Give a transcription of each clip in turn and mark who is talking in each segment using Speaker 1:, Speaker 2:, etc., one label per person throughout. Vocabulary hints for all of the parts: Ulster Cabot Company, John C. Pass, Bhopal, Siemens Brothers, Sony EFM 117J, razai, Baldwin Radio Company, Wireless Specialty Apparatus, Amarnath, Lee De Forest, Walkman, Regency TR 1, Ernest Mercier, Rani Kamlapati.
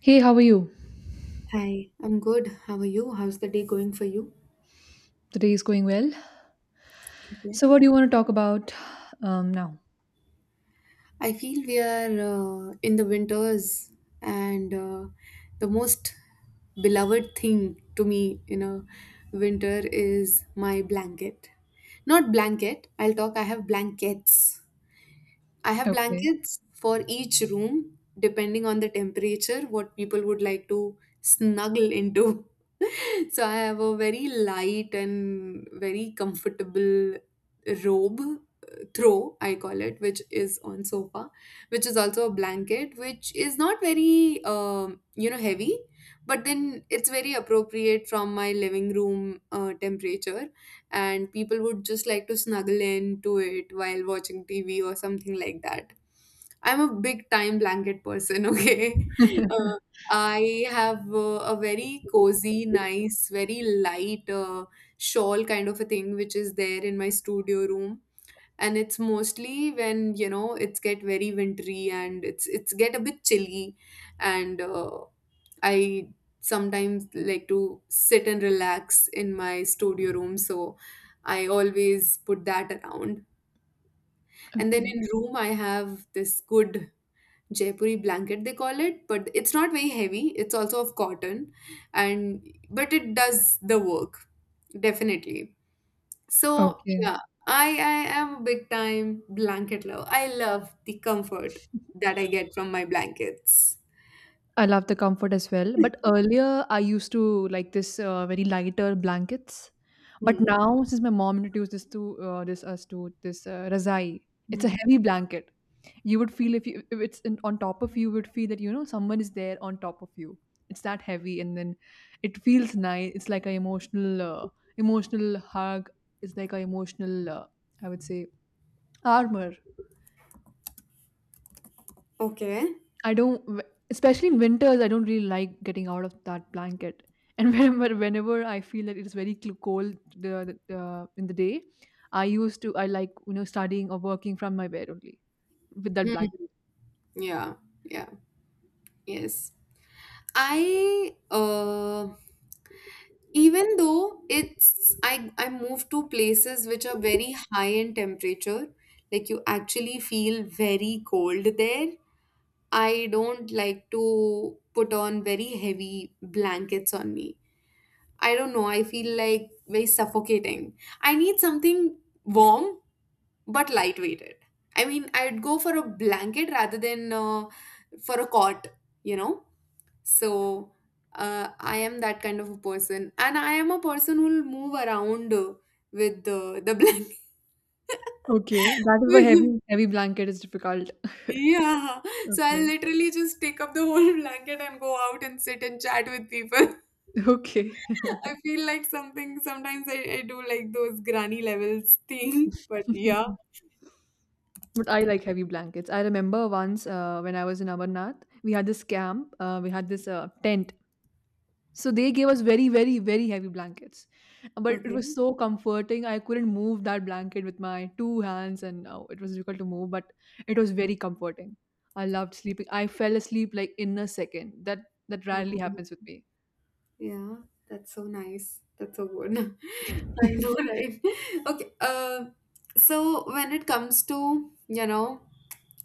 Speaker 1: Hey, how are you?
Speaker 2: Hi, I'm good. How are you? How's the day going for you?
Speaker 1: The day is going well.
Speaker 2: Okay.
Speaker 1: So, what do you want to talk about now?
Speaker 2: I feel we are in the winters, and the most beloved thing to me in a winter is my blanket. Not blanket, I'll talk, I have blankets. I have
Speaker 1: Okay,
Speaker 2: blankets for each room, depending on the temperature, what people would like to snuggle into. So I have a very light and very comfortable robe throw I call it, which is on sofa, which is also a blanket, which is not very heavy, but then it's very appropriate from my living room temperature, and people would just like to snuggle into it while watching tv or something like that. I'm a big time blanket person, okay. Uh, I have a very cozy, nice, very light shawl kind of a thing, which is there in my studio room. And it's mostly when, you know, it's get very wintry and it's get a bit chilly and I sometimes like to sit and relax in my studio room, so I always put that around. And then in
Speaker 1: okay,
Speaker 2: room I have this good Jaipuri blanket, they call it, but it's not very heavy. It's also of cotton, and but it does the work definitely. So
Speaker 1: okay.
Speaker 2: yeah, I am a big time blanket lover. I love the comfort that I get from my blankets.
Speaker 1: I love the comfort as well. But earlier, I used to like this very lighter blankets. But
Speaker 2: Hmm.
Speaker 1: now, since my mom introduced this to this us to this razai, it's a
Speaker 2: Hmm.
Speaker 1: heavy blanket. You would feel if you if it's in, on top of you, you would feel that you know someone is there on top of you. It's that heavy, and then it feels nice. It's like an emotional emotional hug. It's like an emotional I would say armor.
Speaker 2: Okay.
Speaker 1: I don't, w- Especially in winters, I don't really like getting out of that blanket. And whenever I feel that it is very cold in the day, I like, you know, studying or working from my bed only with that
Speaker 2: Hmm.
Speaker 1: blanket.
Speaker 2: Yeah. Yeah. Yes. I even though it's I move to places which are very high in temperature, like you actually feel very cold there. I don't like to put on very heavy blankets on me. I don't know, I feel like very suffocating. I need something warm but lightweighted. I mean, I'd go for a blanket rather than for a cot, you know? So I am that kind of a person, and I am a person who will move around with the blanket.
Speaker 1: Okay. That is why heavy blanket is difficult.
Speaker 2: Yeah, so I'll
Speaker 1: Okay.
Speaker 2: literally just take up the whole blanket and go out and sit and chat with people.
Speaker 1: Okay.
Speaker 2: I feel like something sometimes I do like those granny levels thing, but yeah,
Speaker 1: But I like heavy blankets. I remember once when I was in Amarnath, we had this camp, we had this tent. So they gave us very heavy blankets. But it
Speaker 2: okay.
Speaker 1: was so comforting. I couldn't move that blanket with my two hands, and oh, it was difficult to move, but it was very comforting. I loved sleeping. I fell asleep like in a second. That rarely happens with me.
Speaker 2: Yeah, that's so nice. That's so good. I know, right? Okay. So when it comes to, you know,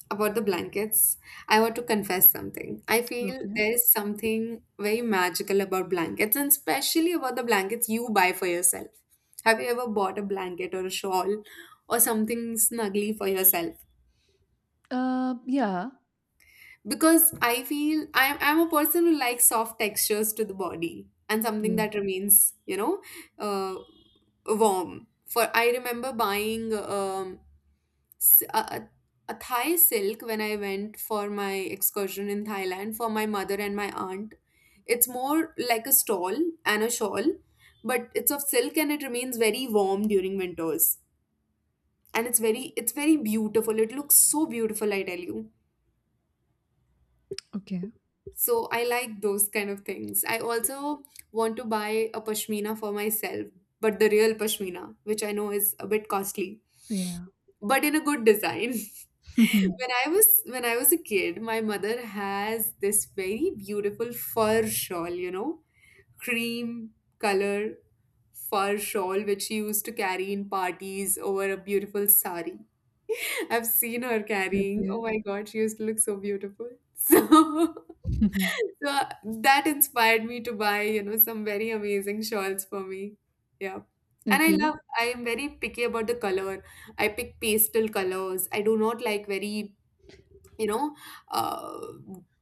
Speaker 2: about the blankets, I want to confess something. I feel
Speaker 1: Okay.
Speaker 2: there is something very magical about blankets, and especially about the blankets you buy for yourself. Have you ever bought a blanket or a shawl or something snuggly for yourself?
Speaker 1: Yeah.
Speaker 2: Because I feel I'm a person who likes soft textures to the body and something
Speaker 1: Yeah.
Speaker 2: that remains, you know, uh, warm. For I remember buying s- a, a a Thai silk when I went for my excursion in Thailand for my mother and my aunt. It's more like a stall and a shawl, but it's of silk and it remains very warm during winters. And it's very beautiful. It looks so beautiful, I tell you.
Speaker 1: Okay.
Speaker 2: So I like those kind of things. I also want to buy a pashmina for myself, but the real pashmina, which I know is a bit costly,
Speaker 1: Yeah.
Speaker 2: but in a good design. When I was a kid, my mother has this very beautiful fur shawl, you know, cream color fur shawl which she used to carry in parties over a beautiful sari. I've seen her carrying.
Speaker 1: Okay.
Speaker 2: Oh my god, she used to look so beautiful. So so that inspired me to buy, you know, some very amazing shawls for me. Yeah. And
Speaker 1: okay.
Speaker 2: I am very picky about the color. I pick pastel colors. I do not like very, you know, uh,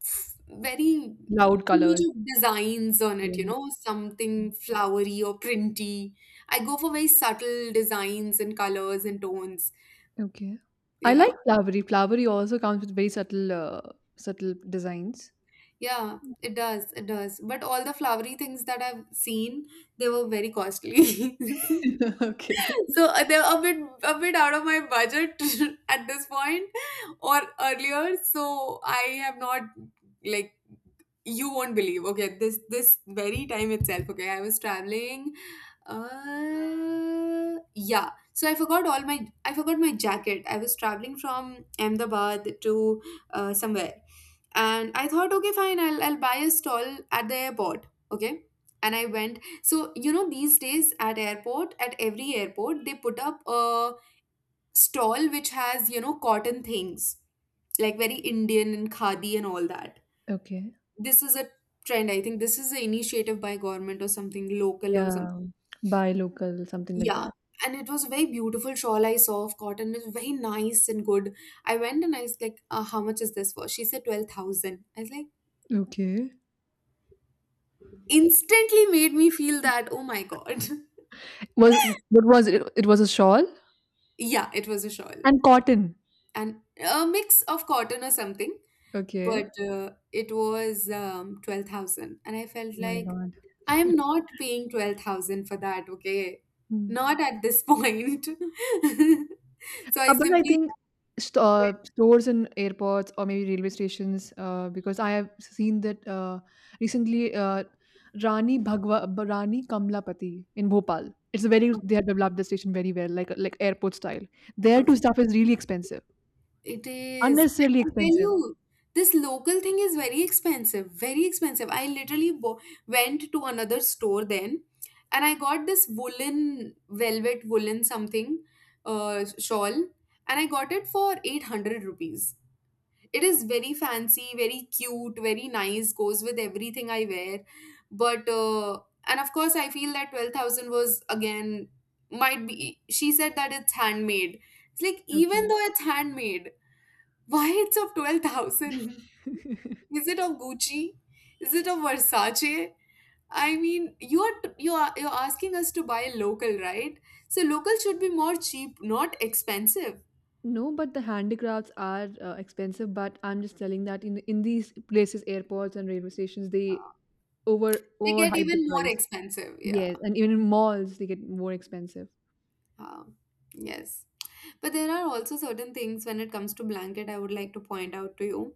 Speaker 2: f- very
Speaker 1: Loud
Speaker 2: too much
Speaker 1: colors.
Speaker 2: of designs on it, you
Speaker 1: Yes.
Speaker 2: know, something flowery or printy. I go for very subtle designs and colors and tones.
Speaker 1: Okay. I like
Speaker 2: Yeah.
Speaker 1: flowery. Flowery also comes with very subtle, subtle designs.
Speaker 2: Yeah, it does. It does. But all the flowery things that I've seen, they were very costly.
Speaker 1: Okay.
Speaker 2: So they're a bit out of my budget at this point or earlier. So I have not like you won't believe, okay, this very time itself, okay, I was traveling, yeah, so I forgot all my, I forgot my jacket. I was traveling from Ahmedabad to somewhere, and I thought, okay, fine, I'll buy a stall at the airport, okay. And I went, so you know, these days at airport, at every airport, they put up a stall which has, you know, cotton things, like very Indian and khadi and all that.
Speaker 1: Okay.
Speaker 2: This is a trend, I think this is an initiative by government or something, local or something.
Speaker 1: Yeah. Buy local, something like
Speaker 2: Yeah.
Speaker 1: that.
Speaker 2: And it was a very beautiful shawl I saw of cotton. It was very nice and good. I went and I was like, how much is this for? She said 12,000. I was like,
Speaker 1: Okay.
Speaker 2: instantly made me feel that, oh my god.
Speaker 1: Was, what was it? It was a shawl
Speaker 2: Yeah, it was a shawl
Speaker 1: and cotton.
Speaker 2: and a mix of cotton or something, but
Speaker 1: Okay.
Speaker 2: it was 12,000, and I felt
Speaker 1: Oh my
Speaker 2: like
Speaker 1: god.
Speaker 2: I am not paying 12,000 for that, okay?
Speaker 1: Hmm.
Speaker 2: Not at this point. So I
Speaker 1: But I
Speaker 2: simply
Speaker 1: think
Speaker 2: went,
Speaker 1: stores in airports or maybe railway stations, because I have seen that recently Rani Rani Kamlapati in Bhopal. It's a very
Speaker 2: "Oh,
Speaker 1: they have developed the station very well, like airport style. There too
Speaker 2: okay.
Speaker 1: stuff is really expensive,
Speaker 2: It is.
Speaker 1: unnecessarily
Speaker 2: I tell
Speaker 1: expensive.
Speaker 2: you, this local thing is very expensive, very expensive. I literally went to another store then, and I got this woolen, velvet woolen something shawl, and I got it for 800 rupees. It is very fancy, very cute, very nice, goes with everything I wear. But and of course I feel that 12,000 was again, might be, she said that it's handmade. It's like,
Speaker 1: Okay.
Speaker 2: even though it's handmade, why it's of 12,000? Is it of Gucci? Is it of Versace? I mean, you are you're asking us to buy local, right? So local should be more cheap, not expensive.
Speaker 1: No, but the handicrafts are expensive. But I'm just telling that in these places, airports and railway stations, they
Speaker 2: They get
Speaker 1: overhype the
Speaker 2: even more
Speaker 1: price.
Speaker 2: expensive, yeah.
Speaker 1: Yes, and even in malls, they get more expensive.
Speaker 2: Uh, yes. But there are also certain things when it comes to blanket I would like to point out to you.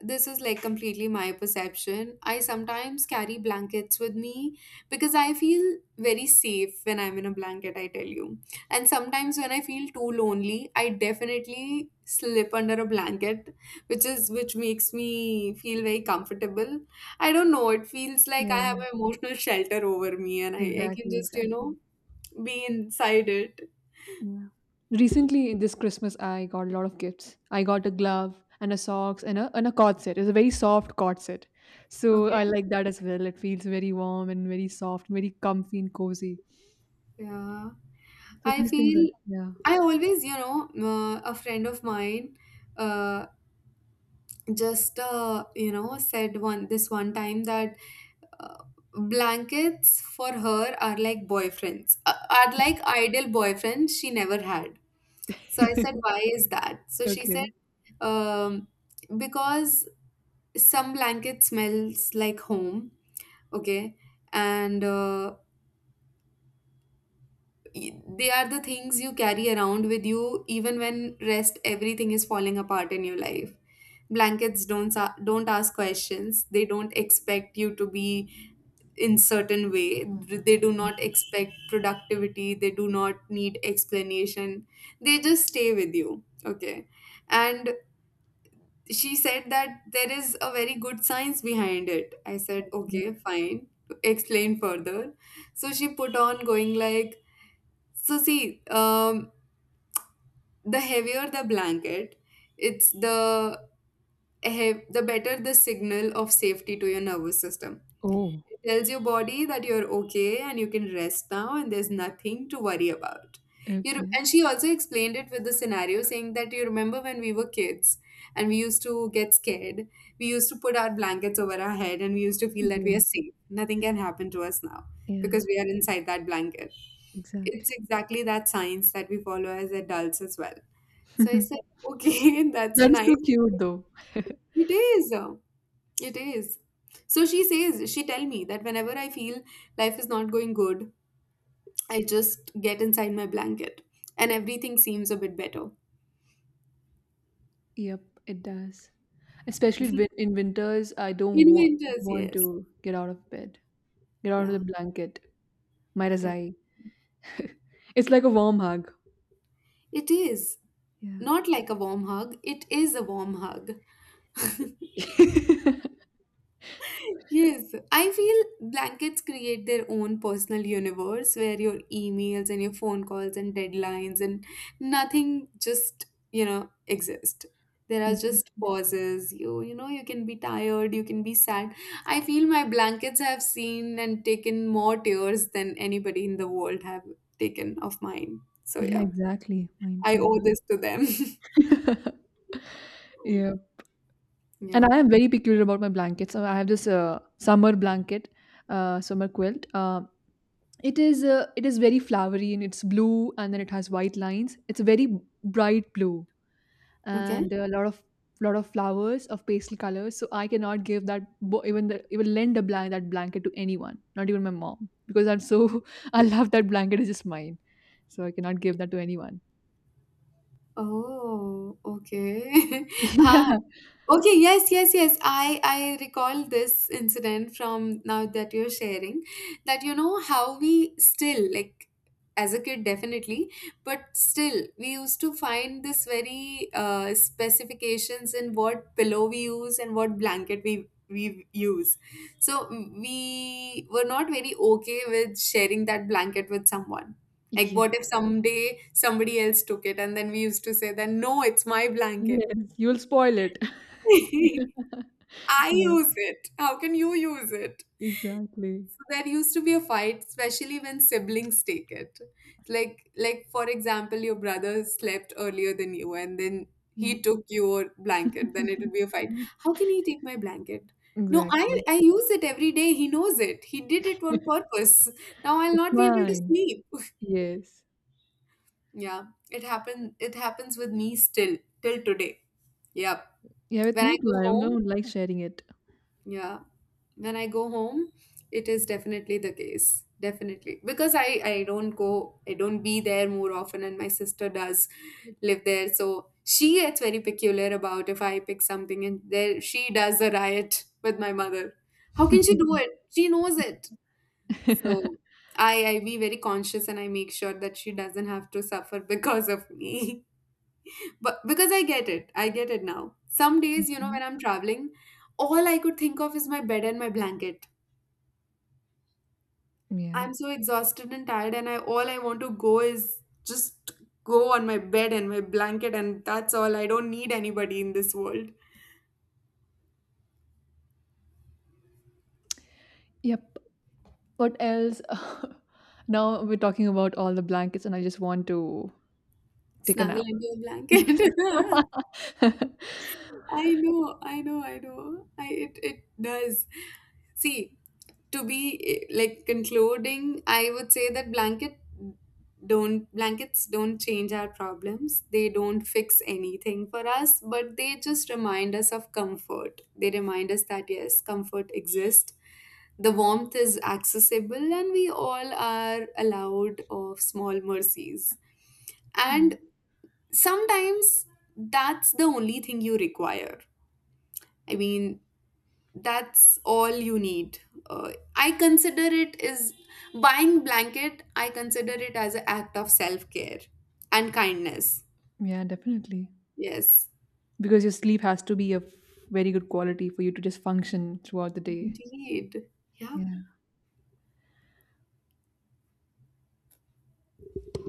Speaker 2: This is like completely my perception. I sometimes carry blankets with me because I feel very safe when I'm in a blanket, I tell you. And sometimes when I feel too lonely, I definitely slip under a blanket, which makes me feel very comfortable. I don't know, it feels like I have
Speaker 1: Yeah,
Speaker 2: an emotional shelter over me, and I can just, you
Speaker 1: exactly.
Speaker 2: know, be inside it.
Speaker 1: Yeah. Recently, this Christmas, I got a lot of gifts. I got a glove and a socks and a cord set. It's a very soft cord set, so
Speaker 2: Okay.
Speaker 1: I like that as well. It feels very warm and very soft, very comfy and cozy.
Speaker 2: Yeah,
Speaker 1: So
Speaker 2: I
Speaker 1: these things are
Speaker 2: feel
Speaker 1: yeah.
Speaker 2: I always, you know, a friend of mine uh, you know, said one this one time that uh, blankets for her are like boyfriends, are like ideal boyfriends she never had. So I said, why is that? So she said,
Speaker 1: Okay.
Speaker 2: um, because some blanket smells like home, okay, and they are the things you carry around with you even when rest everything is falling apart in your life. Blankets don't ask questions. They don't expect you to be in certain way. They do not expect productivity. They do not need explanation. They just stay with you, okay. And she said that there is a very good science behind it. I said, okay, fine, explain further. So she put on going like, so see, the heavier the blanket, it's the the better the signal of safety to your nervous system.
Speaker 1: Oh,
Speaker 2: It tells your body that you're okay and you can rest now and there's nothing to worry about.
Speaker 1: okay.
Speaker 2: And she also explained it with the scenario saying that, you remember when we were kids and we used to get scared. We used to put our blankets over our head and we used to feel that we are
Speaker 1: Yes.
Speaker 2: safe. Nothing can happen to us now
Speaker 1: Yeah,
Speaker 2: because we are inside that blanket.
Speaker 1: exactly.
Speaker 2: It's exactly that science that we follow as adults as well. So I said, okay, that's a
Speaker 1: That is so
Speaker 2: nice.
Speaker 1: cute though.
Speaker 2: It is. It is. So she says, she tell me that whenever I feel life is not going good, I just get inside my blanket and everything seems a bit better.
Speaker 1: Yep, it does. Especially in winters, I don't
Speaker 2: In winters,
Speaker 1: want
Speaker 2: yes.
Speaker 1: to get out of bed, get out of the
Speaker 2: Yeah,
Speaker 1: blanket. Might as
Speaker 2: def-
Speaker 1: I. It's like a warm hug.
Speaker 2: it is.
Speaker 1: Yeah.
Speaker 2: Not like a warm hug, it is a warm hug. Yes, I feel blankets create their own personal universe where your emails and your phone calls and deadlines and nothing just, you know, exist. There are just
Speaker 1: Mhm.
Speaker 2: pauses. You know, you can be tired, you can be sad. I feel my blankets have seen and taken more tears than anybody in the world have taken of mine. So
Speaker 1: Yeah,
Speaker 2: yeah,
Speaker 1: exactly. Mine
Speaker 2: I
Speaker 1: too.
Speaker 2: owe this to them.
Speaker 1: Yeah. And
Speaker 2: Yeah.
Speaker 1: I am very peculiar about my blankets. So I have this summer blanket, summer quilt. Um, it is it is very flowery and it's blue and then it has white lines. It's a very bright blue
Speaker 2: Okay.
Speaker 1: and there are a lot of flowers of pastel colors. So I cannot give that bo- even the, even lend a blank that blanket to anyone, not even my mom, because I'm so I love that blanket. It's just mine, so I cannot give that to anyone.
Speaker 2: Oh, okay. Ha, okay, yes, yes, yes. I recall this incident from now that you're sharing, that you know how we still like as a kid definitely, but still we used to find this very specifications in what pillow we use and what blanket we use. So we were not very okay with sharing that blanket with someone. Like
Speaker 1: Yeah.
Speaker 2: what if
Speaker 1: Yes.
Speaker 2: someday somebody else took it, and then we used to say that no, it's my blanket.
Speaker 1: Yes. You'll spoil it.
Speaker 2: I
Speaker 1: Yeah.
Speaker 2: use it. How can you use it?
Speaker 1: Exactly.
Speaker 2: So there used to be a fight, especially when siblings take it. Like for example, your brother slept earlier than you, and then he
Speaker 1: Mm.
Speaker 2: took your blanket. Then it'll be a fight. How can he take my blanket? No, I
Speaker 1: Exactly.
Speaker 2: I use it every day. He knows it. He did it on purpose. Now I'll
Speaker 1: It's
Speaker 2: not be able to
Speaker 1: mine.
Speaker 2: sleep.
Speaker 1: Yes.
Speaker 2: Yeah, it happened. It happens with me still till today. Yep.
Speaker 1: Yeah, with
Speaker 2: When I
Speaker 1: me
Speaker 2: go
Speaker 1: too. I
Speaker 2: home,
Speaker 1: don't like sharing it.
Speaker 2: yeah. When I go home, it is definitely the case. Definitely. Because I don't go, I don't be there more often, and my sister does live there. So she gets very peculiar about if I pick something, and there she does a riot with my mother. How can she do it? She knows it. So I be very conscious and I make sure that she doesn't have to suffer because of me. But because I get it now. Some days, you know,
Speaker 1: Okay.
Speaker 2: when I'm traveling, all I could think of is my bed and my blanket.
Speaker 1: Yeah.
Speaker 2: I'm so exhausted and tired, and I all I want to go is just go on my bed and my blanket, and that's all. I don't need anybody in this world.
Speaker 1: Yep. What else? Now we're talking about all the blankets, and I just want to take a
Speaker 2: Snuggle
Speaker 1: nap.
Speaker 2: into a
Speaker 1: Yeah.
Speaker 2: blanket. I know, I know, I know. I It it does. See, to be like concluding, I would say that blankets don't change our problems. They don't fix anything for us, but they just remind us of comfort. They remind us that yes, comfort exists. The warmth is accessible and we all are allowed of small mercies.
Speaker 1: Yeah,
Speaker 2: And sometimes that's the only thing you require. I mean, that's all you need. I consider it is, buying blanket, I consider it as an act of self-care and kindness.
Speaker 1: Yeah, definitely.
Speaker 2: Yes.
Speaker 1: Because your sleep has to be of very good quality for you to just function throughout the day.
Speaker 2: Indeed. Yeah.
Speaker 1: Yeah.